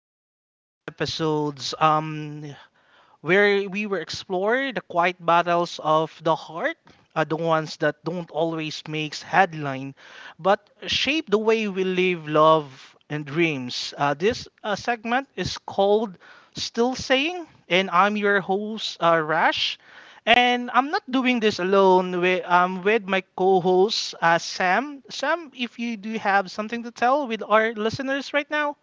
to today's episodes, where we will explore the quiet battles of the heart, the ones that don't always make headline, but shape the way we live, love, and dreams. This segment is called "Still Saying," and I'm your host, Rash. And I'm not doing this alone. I with my co-host, Sam. Sam, if you do have something to tell with our listeners right now.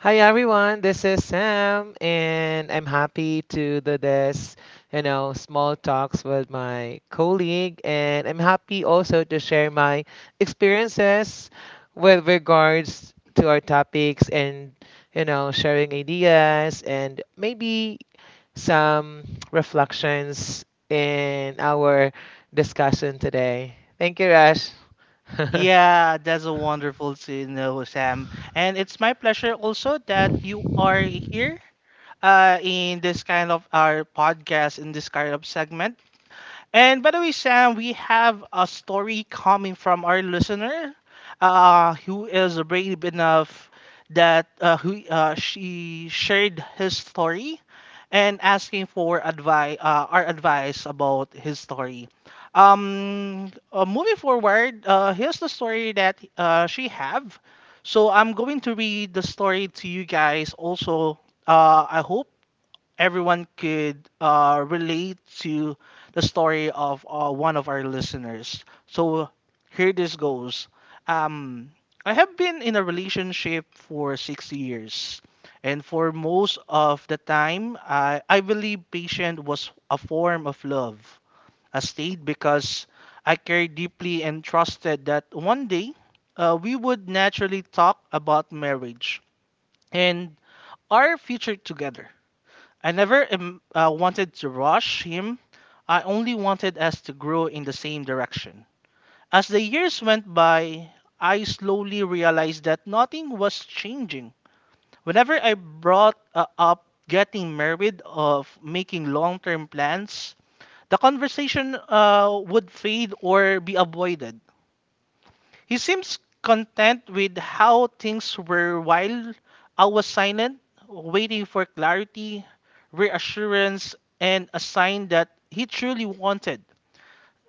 Hi everyone, this is Sam, and I'm happy to do this, small talks with my colleague, and I'm happy also to share my experiences with regards to our topics and, sharing ideas and maybe some reflections in our discussion today. Thank you, Rash. Yeah, that's a wonderful to know, Sam. And it's my pleasure also that you are here in this kind of our podcast, in this kind of segment. And by the way, Sam, we have a story coming from our listener, who is brave enough that who she shared his story and asking for advice, our advice about his story. Moving forward, here's the story that she have. So I'm going to read the story to you guys. Also, I hope everyone could relate to the story of one of our listeners. So here this goes. Um, I have been in a relationship for 6 years. And for most of the time, I believe patience was a form of love. I stayed because I cared deeply and trusted that one day we would naturally talk about marriage and our future together. I never wanted to rush him. I only wanted us to grow in the same direction. As the years went by, I slowly realized that nothing was changing. Whenever I brought up getting married of making long-term plans, the conversation would fade or be avoided. He seems content with how things were while I was silent, waiting for clarity, reassurance, and a sign that he truly wanted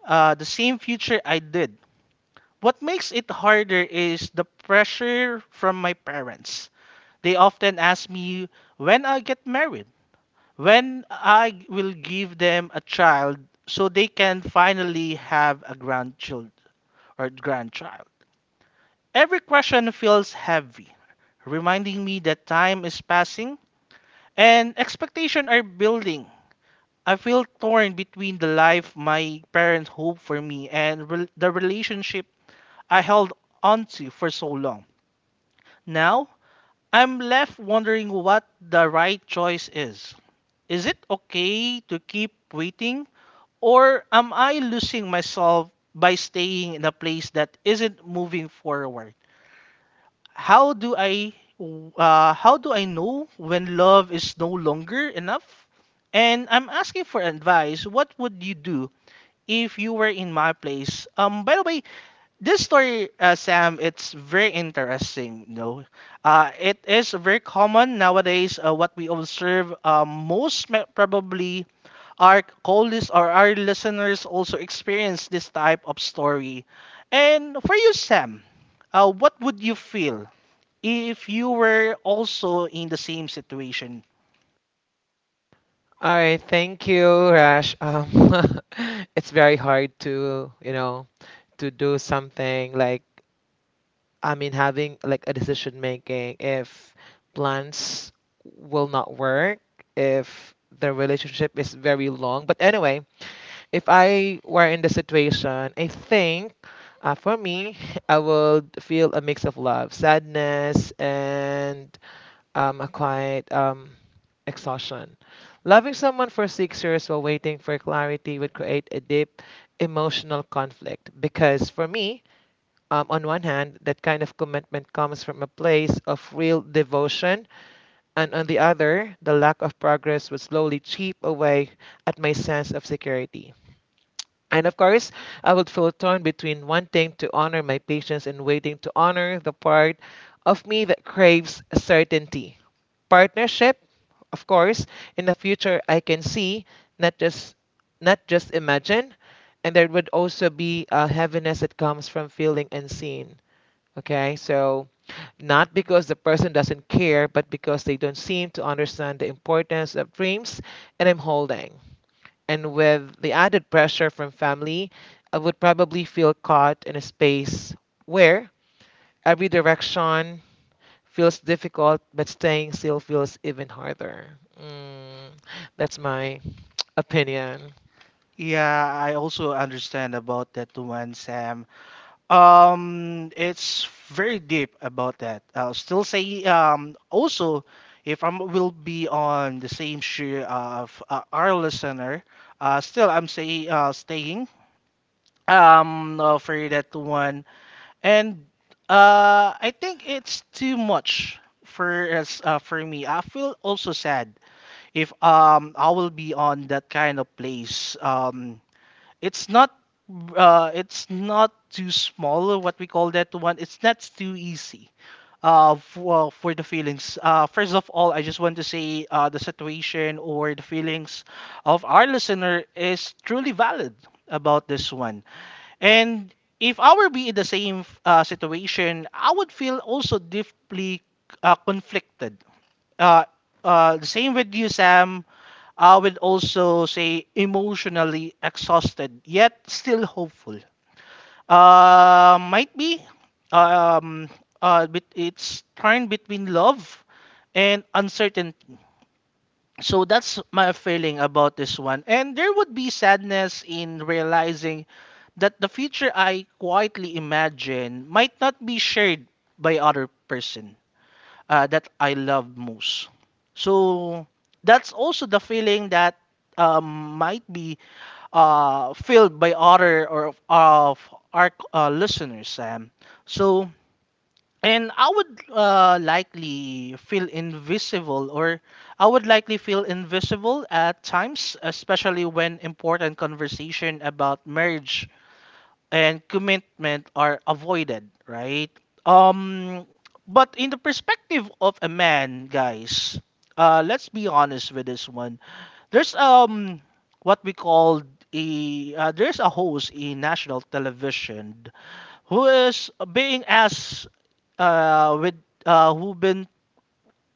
the same future I did. What makes it harder is the pressure from my parents. They often ask me when I get married, when I will give them a child so they can finally have a grandchild or grandchild. Every question feels heavy, reminding me that time is passing and expectation are building. I feel torn between the life my parents hoped for me and the relationship I held onto for so long. Now, I'm left wondering what the right choice is. Is it okay to keep waiting, or am I losing myself by staying in a place that isn't moving forward? How do I know when love is no longer enough? And I'm asking for advice. What would you do if you were in my place? By the way, this story, Sam, it's very interesting. You know, it is very common nowadays. What we observe, probably our colleagues or our listeners also experience this type of story. And for you, Sam, what would you feel if you were also in the same situation? All right, thank you, Rash. It's very hard to, to do something like, I mean, having like a decision making if plans will not work, if the relationship is very long. But anyway, if I were in the situation, I think for me, I would feel a mix of love, sadness, and acquired exhaustion. Loving someone for 6 years while waiting for clarity would create a deep emotional conflict because, for me, on one hand, that kind of commitment comes from a place of real devotion, and on the other, the lack of progress would slowly chip away at my sense of security. And of course, I would feel torn between wanting to honor my patience and waiting to honor the part of me that craves certainty. Partnership of course, in the future I can see, not just not just imagine, and there would also be a heaviness that comes from feeling unseen. Okay, so not because the person doesn't care, but because they don't seem to understand the importance of dreams and I'm holding. And with the added pressure from family, I would probably feel caught in a space where every direction feels difficult, but staying still feels even harder. Mm, that's my opinion. Yeah, I also understand about that one, Sam. It's very deep about that. I'll still say, also, if I will be on the same shoe of our listener, still I'm say staying for that one. And I think it's too much for us. For me, I feel also sad if I will be on that kind of place. It's not, it's not too small, what we call that one. It's not too easy. For the feelings. First of all, I just want to say the situation or the feelings of our listener is truly valid about this one. And if I were be in the same situation, I would feel also deeply conflicted, uh, the same with you, Sam. I would also say emotionally exhausted, yet still hopeful. Might be. Um, but it's torn between love and uncertainty. So that's my feeling about this one. And there would be sadness in realizing that the future I quietly imagine might not be shared by other person that I love most. So that's also the feeling that might be filled by other or of our listeners, Sam. So, and I would likely feel invisible, or I would likely feel invisible at times, especially when important conversation about marriage and commitment are avoided, right? Um, but in the perspective of a man, guys, let's be honest with this one. There's what we call a There's a host in national television who is being asked with who been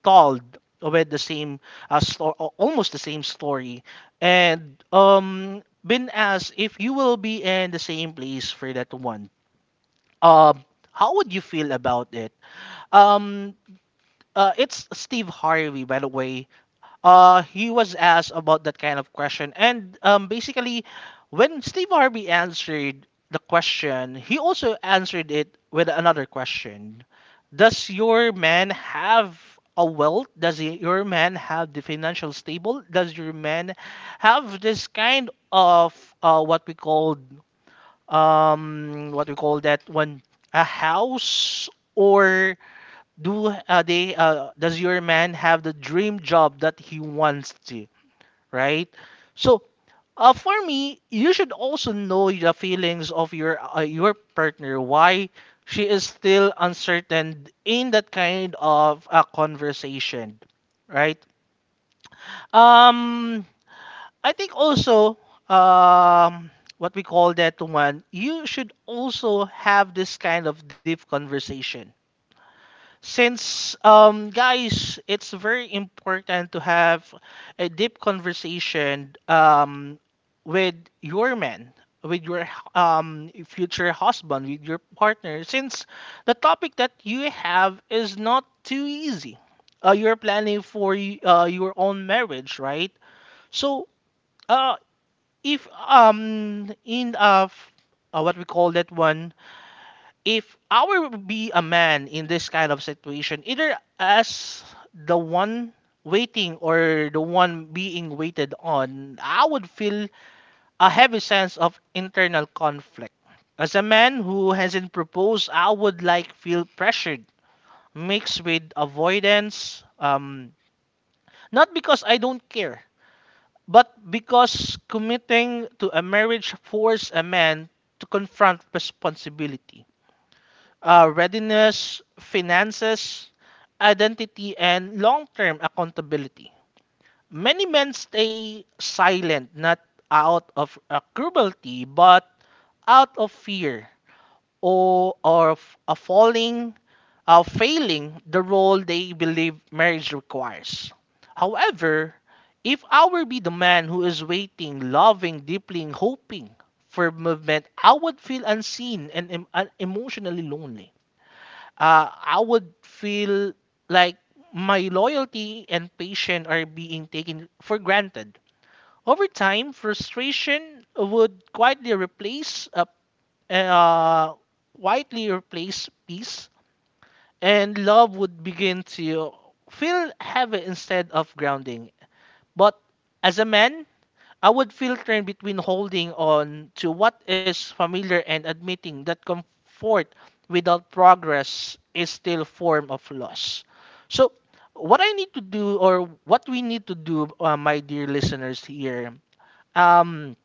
told with the same almost the same story and been asked, if you will be in the same place for that one, um how would you feel about it? um it's Steve Harvey, by the way. Uh, he was asked about that kind of question. And basically, when Steve Harvey answered the question, he also answered it with another question. Does does your man have the dream job that he wants to, right? So, for me, you should also know the feelings of your partner, why she is still uncertain in that kind of conversation, right? um I think also, um what we call that one you should also have this kind of deep conversation. Since, guys, it's very important to have a deep conversation with your man, with your future husband, with your partner, since the topic that you have is not too easy. You're planning for your own marriage, right? So, uh, if in f- what we call that one, if I were to be a man in this kind of situation, either as the one waiting or the one being waited on, I would feel a heavy sense of internal conflict. As a man who hasn't proposed, I would like feel pressured, mixed with avoidance. Not because I don't care, but because committing to a marriage forces a man to confront responsibility, readiness, finances, identity, and long term accountability. Many men stay silent not out of cruelty but out of fear or of a falling, failing the role they believe marriage requires. However, if I were be the man who is waiting, loving, deeply, and hoping for movement, I would feel unseen and emotionally lonely. I would feel like my loyalty and patience are being taken for granted. Over time, frustration would quietly replace a uh, quietly replace peace, and love would begin to feel heavy instead of grounding. But as a man, I would filter between holding on to what is familiar and admitting that comfort without progress is still a form of loss. So, what I need to do, or what we need to do, my dear listeners here, um,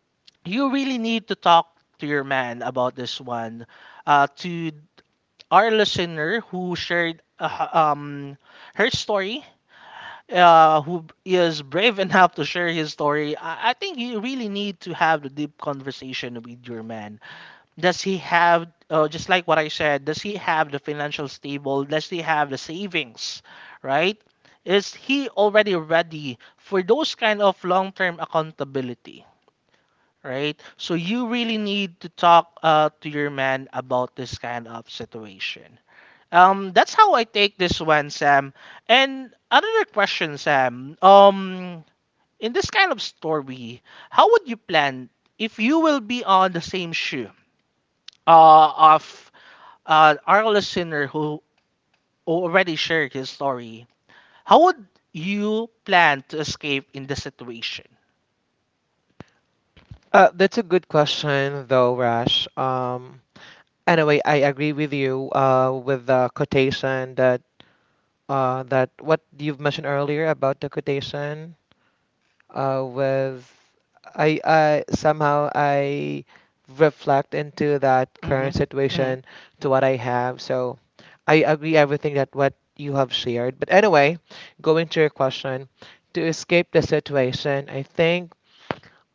you really need to talk to your man about this one. To our listener who shared her story, is brave enough to share his story, I think you really need to have the deep conversation with your man. Does he have, just like what I said, does he have the financial stable? Does he have the savings, right? Is he already ready for those kind of long-term accountability? Right, so you really need to talk to your man about this kind of situation. That's how I take this one, Sam. And another question, Sam. In this kind of story, how would you plan if you will be on the same shoe of our listener who already shared his story? How would you plan to escape in this situation? That's a good question, though, Rash. Anyway, I agree with you with the quotation that that what you've mentioned earlier about the quotation with I somehow I reflect into that current Hmm. Hmm. situation to what I have. So I agree everything that what you have shared. But anyway, going to your question, to escape the situation, I think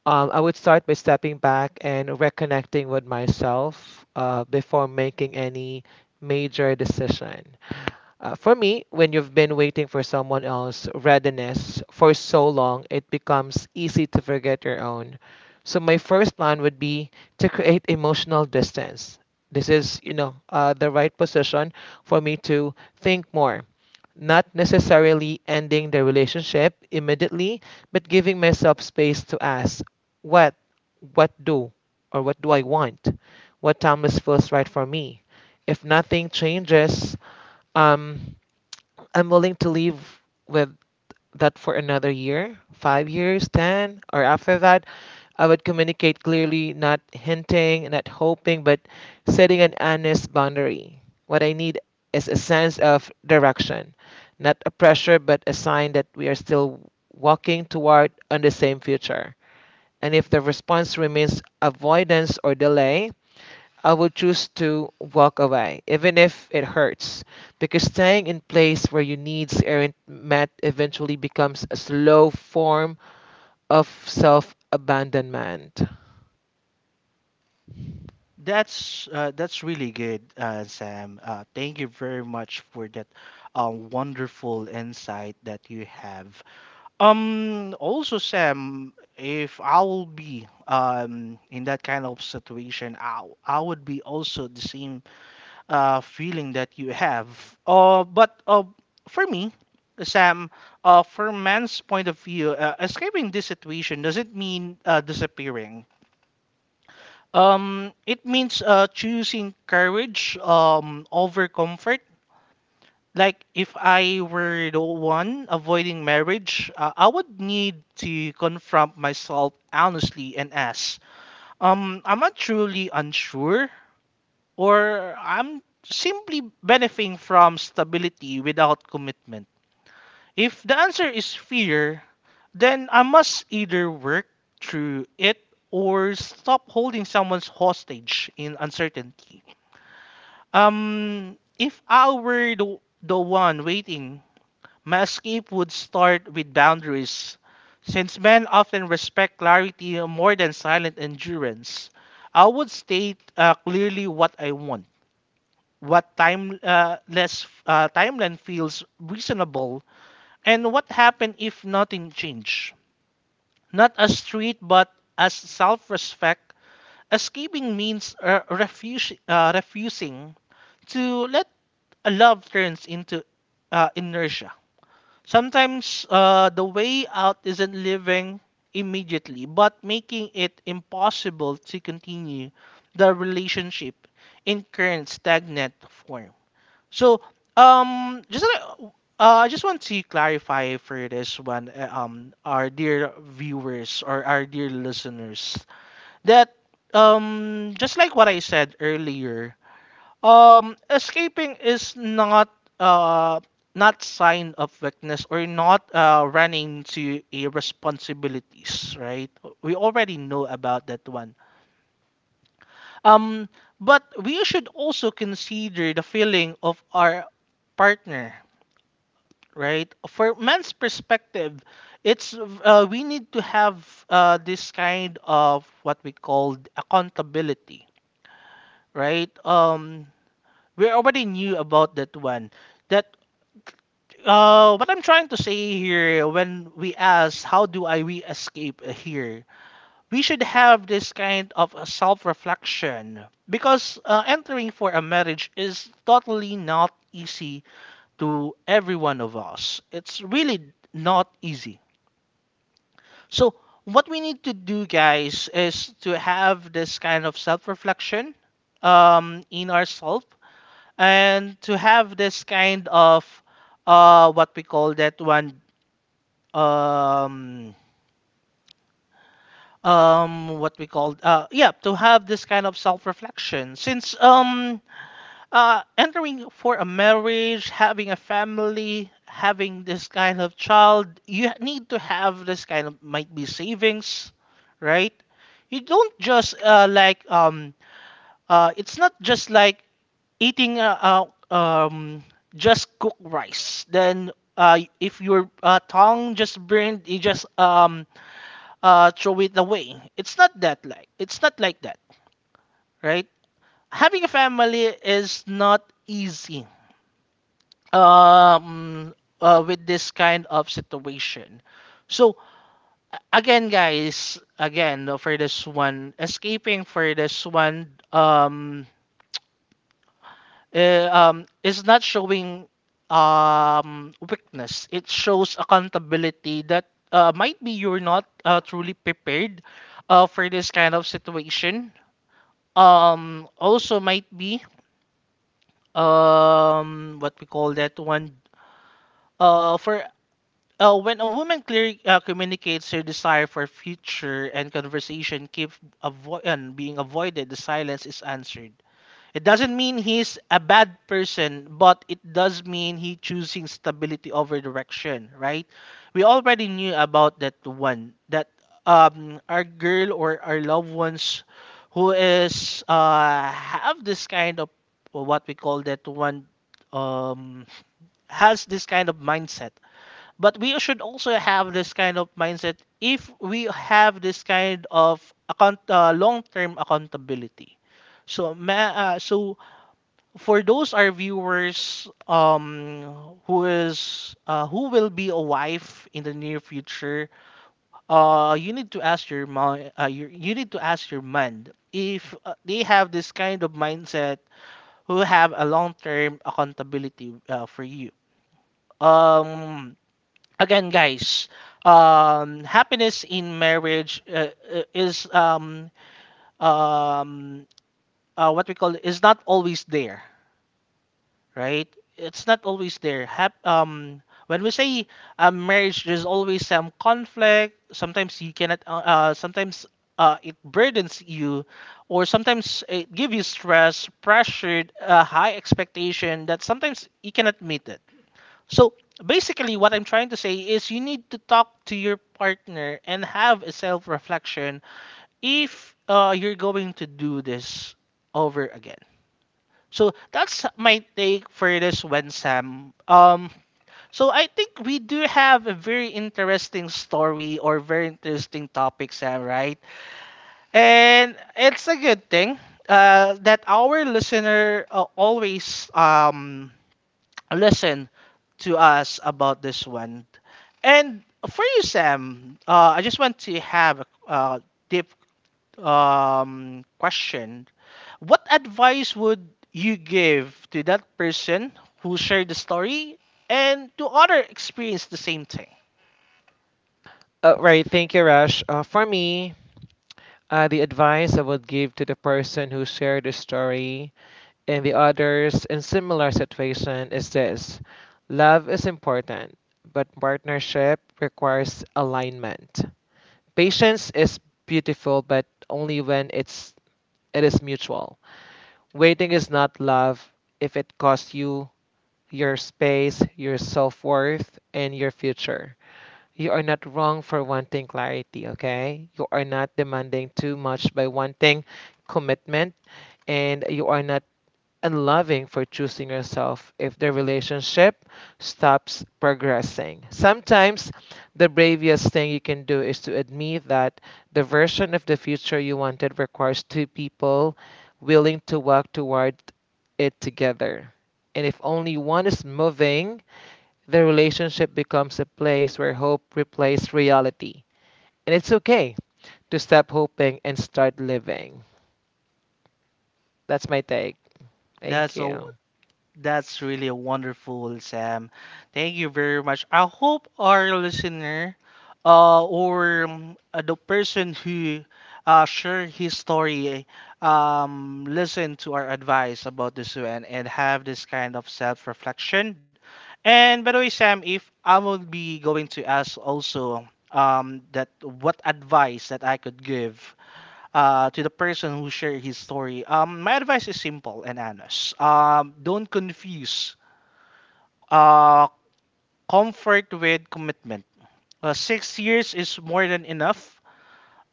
I would start by stepping back and reconnecting with myself before making any major decision. For me, when you've been waiting for someone else's readiness for so long, it becomes easy to forget your own. So my first plan would be to create emotional distance. This is, the right position for me to think more. Not necessarily ending the relationship immediately, but giving myself space to ask, what, what do, or what do I want? What timeless feels right for me? If nothing changes, um, I'm willing to live with that for another year, 5 years, 10, or after that. I would communicate clearly, not hinting, not hoping, but setting an honest boundary. What I need is a sense of direction, not a pressure, but a sign that we are still walking toward on the same future. And if the response remains avoidance or delay, I would choose to walk away, even if it hurts, because staying in place where your needs aren't met eventually becomes a slow form of self abandonment. That's really good, Sam. Thank you very much for that wonderful insight that you have. Also, Sam, if I will be in that kind of situation, I would be also the same feeling that you have. But For me, Sam, from man's point of view, escaping this situation doesn't mean disappearing. It means choosing courage over comfort. Like, if I were the one avoiding marriage, I would need to confront myself honestly and ask, am I truly unsure, or I'm simply benefiting from stability without commitment? If the answer is fear, then I must either work through it or stop holding someone's hostage in uncertainty. If I were the one waiting, my escape would start with boundaries, since men often respect clarity more than silent endurance. I would state clearly what I want, what timeline feels reasonable, and what happened if nothing changed. Not as street, but as self-respect. Escaping means refusing to let a love turns into inertia. Sometimes the way out isn't living immediately, but making it impossible to continue the relationship in current stagnant form. So, just I just want to clarify for this one, our dear viewers or our dear listeners, that just like what I said earlier, escaping is uh not sign of weakness or not running to a responsibilities, right? We already know about that one. Um, but we should also consider the feeling of our partner, right? For men's perspective, it's we need to have this kind of what we called accountability, right? We already knew about that one that what I'm trying to say here when we ask how do I we escape here, we should have this kind of a self-reflection because entering for a marriage is totally not easy to every one of us. It's really not easy. So what we need to do, guys, is to have this kind of self-reflection in ourselves and to have this kind of what we call that one um what we call yeah, to have this kind of self-reflection since entering for a marriage, having a family, having this kind of child, you need to have this kind of might be savings, right? You don't just it's not just like eating out. Just cook rice, then if your tongue just burned, you just throw it away. It's not that like it's not like that, right? Having a family is not easy um, with this kind of situation. So again, guys, again for this one, escaping for this one is not showing weakness. It shows accountability that might be you're not truly prepared for this kind of situation. Also might be what we call that one. For When a woman communicates her desire for future and conversation keep avo- and being avoided, the silence is answered. It doesn't mean he's a bad person, but it does mean he choosing stability over direction, right? We already knew about that one that our girl or our loved ones who is have this kind of well, what we call that one, um has this kind of mindset. But we should also have this kind of mindset if we have this kind of account long-term accountability. So for those our viewers who is who will be a wife in the near future, you need to ask your you need to ask your man if they have this kind of mindset who have a long term accountability for you. um Again, guys, happiness in marriage is um what we call is not always there, right? It's not always there. When we say marriage, there's always some conflict. Sometimes you cannot. Sometimes it burdens you, or sometimes it gives you stress, pressured, high expectation that sometimes you cannot meet it. So basically, what I'm trying to say is you need to talk to your partner and have a self-reflection if you're going to do this over again. So that's my take for this one, Sam. So I think we do have a very interesting story or very interesting topic, Sam, right? And it's a good thing that our listener always listen to us about this one. And for you, Sam, I just want to have a deep question. What advice would you give to that person who shared the story and to other experience the same thing? Right, thank you, Rush. For me, the advice I would give to the person who shared the story and the others in similar situation is this: love is important, but partnership requires alignment. Patience is beautiful, but only when it's It is mutual. Waiting is not love if it costs you your space, your self worth, and your future. You are not wrong for wanting clarity, okay? You are not demanding too much by wanting commitment, and you are not and loving for choosing yourself if the relationship stops progressing. Sometimes the bravest thing you can do is to admit that the version of the future you wanted requires two people willing to walk toward it together. And if only one is moving, the relationship becomes a place where hope replaces reality. And it's okay to stop hoping and start living. That's my take. Thank That's a you. That's really wonderful, Sam. Thank you very much. I hope our listener, or the person who shared his story, listen to our advice about this one and have this kind of self-reflection. And by the way, Sam, if I will be going to ask also that what advice that I could give to the person who shared his story. My advice is simple and honest. Don't confuse uh, comfort with commitment. 6 years is more than enough.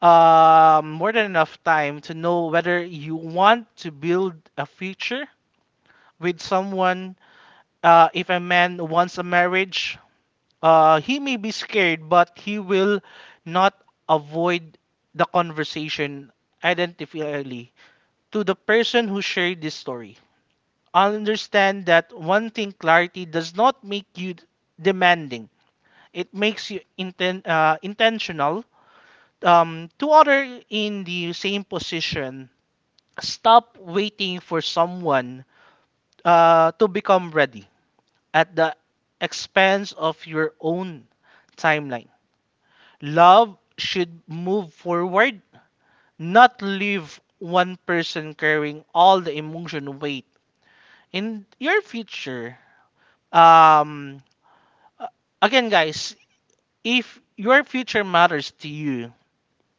More than enough time to know whether you want to build a future with someone. If a man wants a marriage, he may be scared, but he will not avoid the conversation identifiably to the person who shared this story. I understand that one thing clarity does not make you demanding. It makes you intentional. To other in the same position, stop waiting for someone to become ready at the expense of your own timeline. Love should move forward, not leave one person carrying all the emotion weight in your future. Um, Again, guys, if your future matters to you,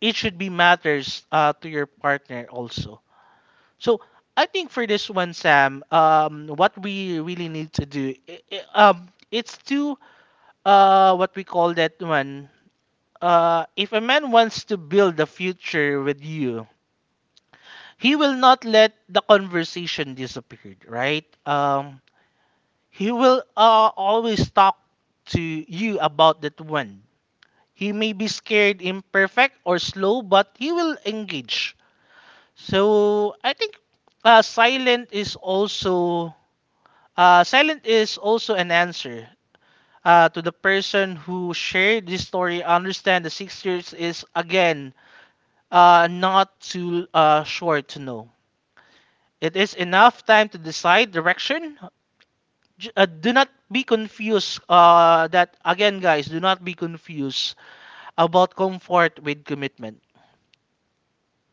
it should be matters to your partner also. So I think for this one, Sam, what we really need to do, it's to what we call that one. If a man wants to build a future with you, he will not let the conversation disappear, right? He will always talk to you about that one. He may be scared, imperfect, or slow, but he will engage. So I think uh, silent is also silent is also an answer to the person who shared this story. Understand the 6 years is again not too short to know. It is enough time to decide direction. J- do not be confused. That again, guys, do not be confused about comfort with commitment.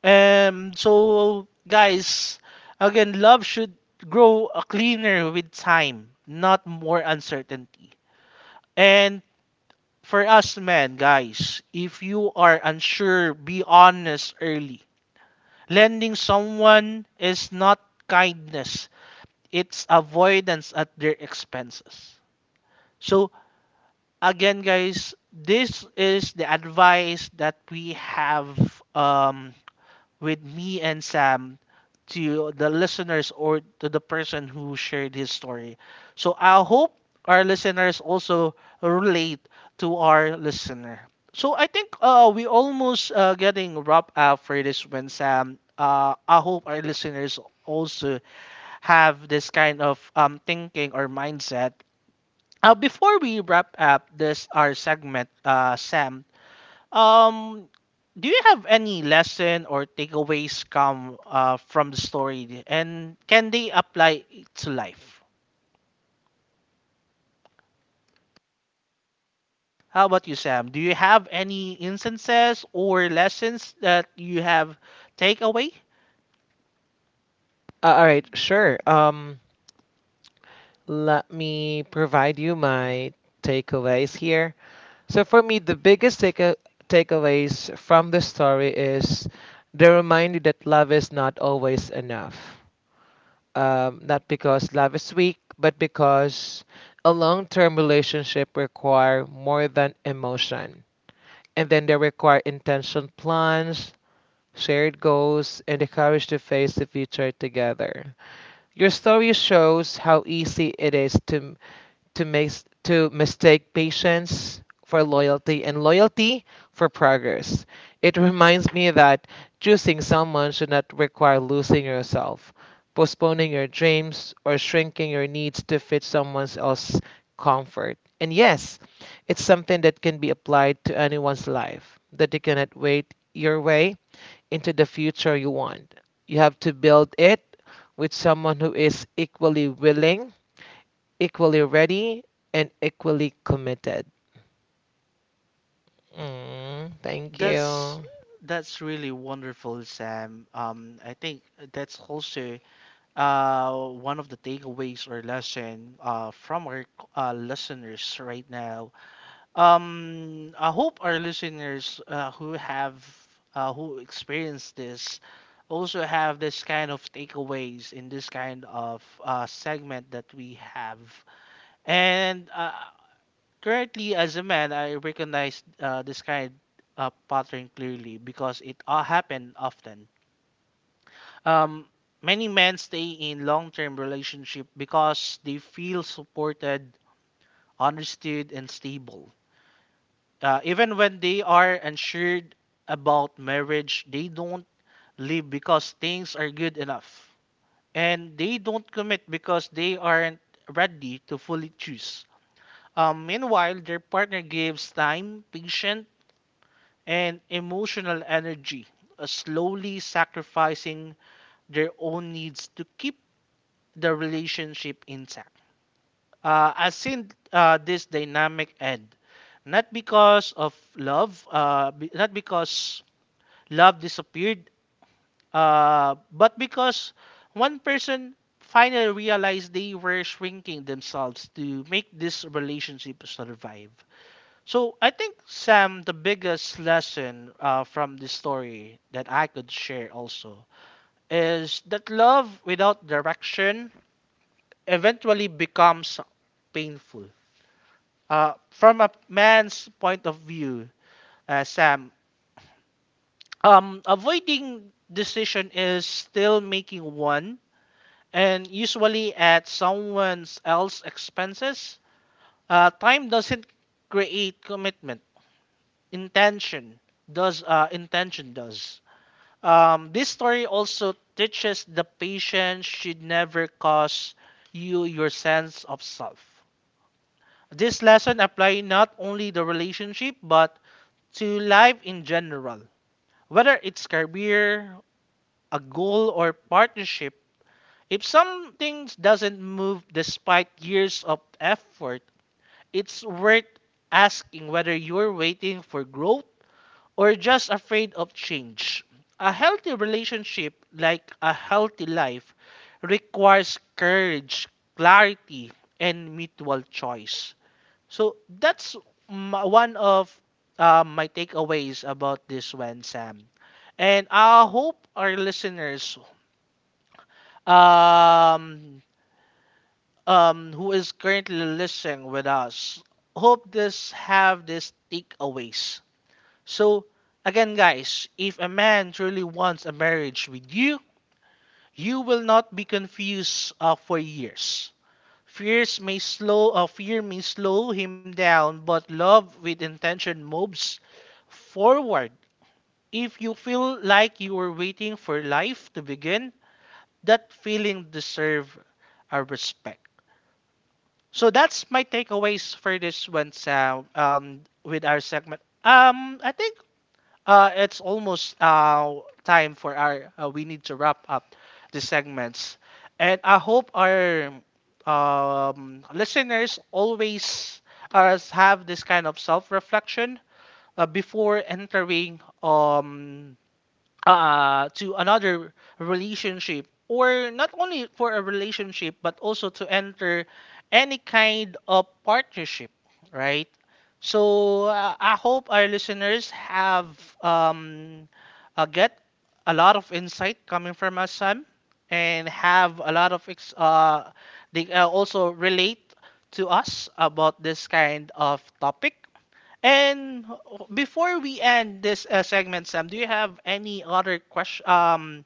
So guys, again, love should grow cleaner with time, not more uncertainty. And for us men, guys, if you are unsure, be honest early. Lending someone is not kindness, it's avoidance at their expenses. So, again, guys, this is the advice that we have um, with me and Sam to the listeners or to the person who shared his story. So I hope our listeners also relate to our listener. So I think we almost getting wrapped up for this one, Sam. I hope our listeners also have this kind of thinking or mindset. Before we wrap up this our segment, Sam, um, do you have any lesson or takeaways come from the story, and can they apply to life? How about you, Sam? Do you have any instances or lessons that you have take away? All right, sure. Let me provide you my takeaways here. So, for me, the biggest takeaways from the story is the reminder that love is not always enough. Not because love is weak, but because a long term relationship require more than emotion. And then they require intention plans, shared goals, and the courage to face the future together. Your story shows how easy it is to mistake patience for loyalty and loyalty for progress. It reminds me that choosing someone should not require losing yourself, postponing your dreams, or shrinking your needs to fit someone else's comfort. And yes, it's something that can be applied to anyone's life, that you cannot wait your way into the future you want. You have to build it with someone who is equally willing equally ready and equally committed. Mm, thank That's you. that's really wonderful, Sam. I think that's also one of the takeaways or lesson from our listeners right now. I hope our listeners who experience this also have this kind of takeaways in this kind of segment that we have. And currently, as a man, I recognize this kind of pattern clearly because it happened often. um, Many men stay in long-term relationship because they feel supported, understood, and stable. Even when they are unsure about marriage, they don't leave because things are good enough, and they don't commit because they aren't ready to fully choose. Meanwhile, their partner gives time, patience, and emotional energy, slowly sacrificing their own needs to keep the relationship intact. I seen this dynamic end, not because of not because love disappeared, but because one person finally realized they were shrinking themselves to make this relationship survive. So I think Sam, the biggest lesson from this story that I could share also is that love without direction eventually becomes painful. From a man's point of view, Sam, avoiding decision is still making one, and usually at someone else's expenses. Time doesn't create commitment. Intention does. This story also teaches the patient should never cost you your sense of self. This lesson apply not only the relationship but to life in general. Whether it's career, a goal or partnership, if something doesn't move despite years of effort, it's worth asking whether you're waiting for growth or just afraid of change. A healthy relationship, like a healthy life, requires courage, clarity, and mutual choice. So that's one of my takeaways about this one, Sam. And I hope our listeners um, who is currently listening with us hope this have these takeaways. So again, guys, if a man truly wants a marriage with you, you will not be confused for years. Fear may slow him down, but love with intention moves forward. If you feel like you are waiting for life to begin, that feeling deserve our respect. So that's my takeaways for this one, Sam. With our segment. I think it's almost time for our. We need to wrap up the segments, and I hope our listeners always have this kind of self-reflection before entering to another relationship or not only for a relationship but also to enter any kind of partnership, right? So I hope our listeners have um, get a lot of insight coming from us, Sam, and have a lot of ex- they also relate to us about this kind of topic. And before we end this segment, Sam, do you have any other question,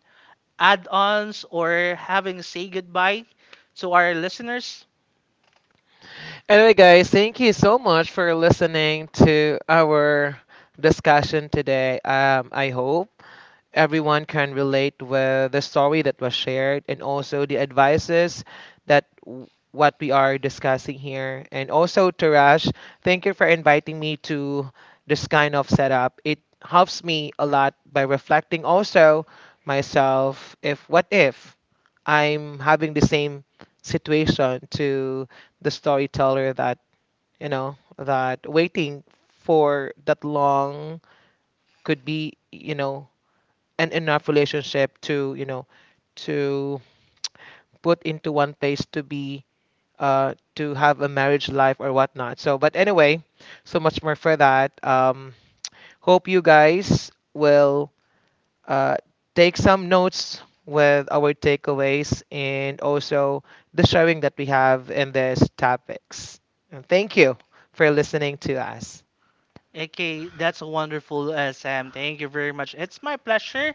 add-ons, or having say goodbye to our listeners? Anyway, guys, thank you so much for listening to our discussion today. I hope everyone can relate with the story that was shared and also the advices that w- what we are discussing here. And also, Tarash, thank you for inviting me to this kind of setup. It helps me a lot by reflecting also myself if what if I'm having the same situation to the storyteller that, you know, that waiting for that long could be, you know, and enough relationship to you know to put into one place to be to have a marriage life or whatnot, so but anyway so much more for that, hope you guys will uh take some notes with our takeaways and also the sharing that we have in these topics, and thank you for listening to us. Okay, that's wonderful, Sam. Thank you very much. It's my pleasure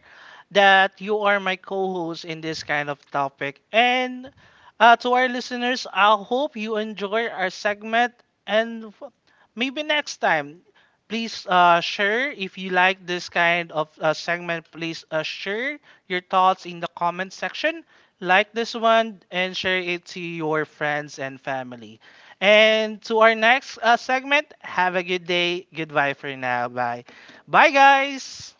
that you are my co-host in this kind of topic. And to our listeners, I hope you enjoy our segment. And maybe next time, please share if you like this kind of segment. Please share your thoughts in the comment section. Like this one and share it to your friends and family. And to our next segment, have a good day. Goodbye for now. Bye. Bye, guys.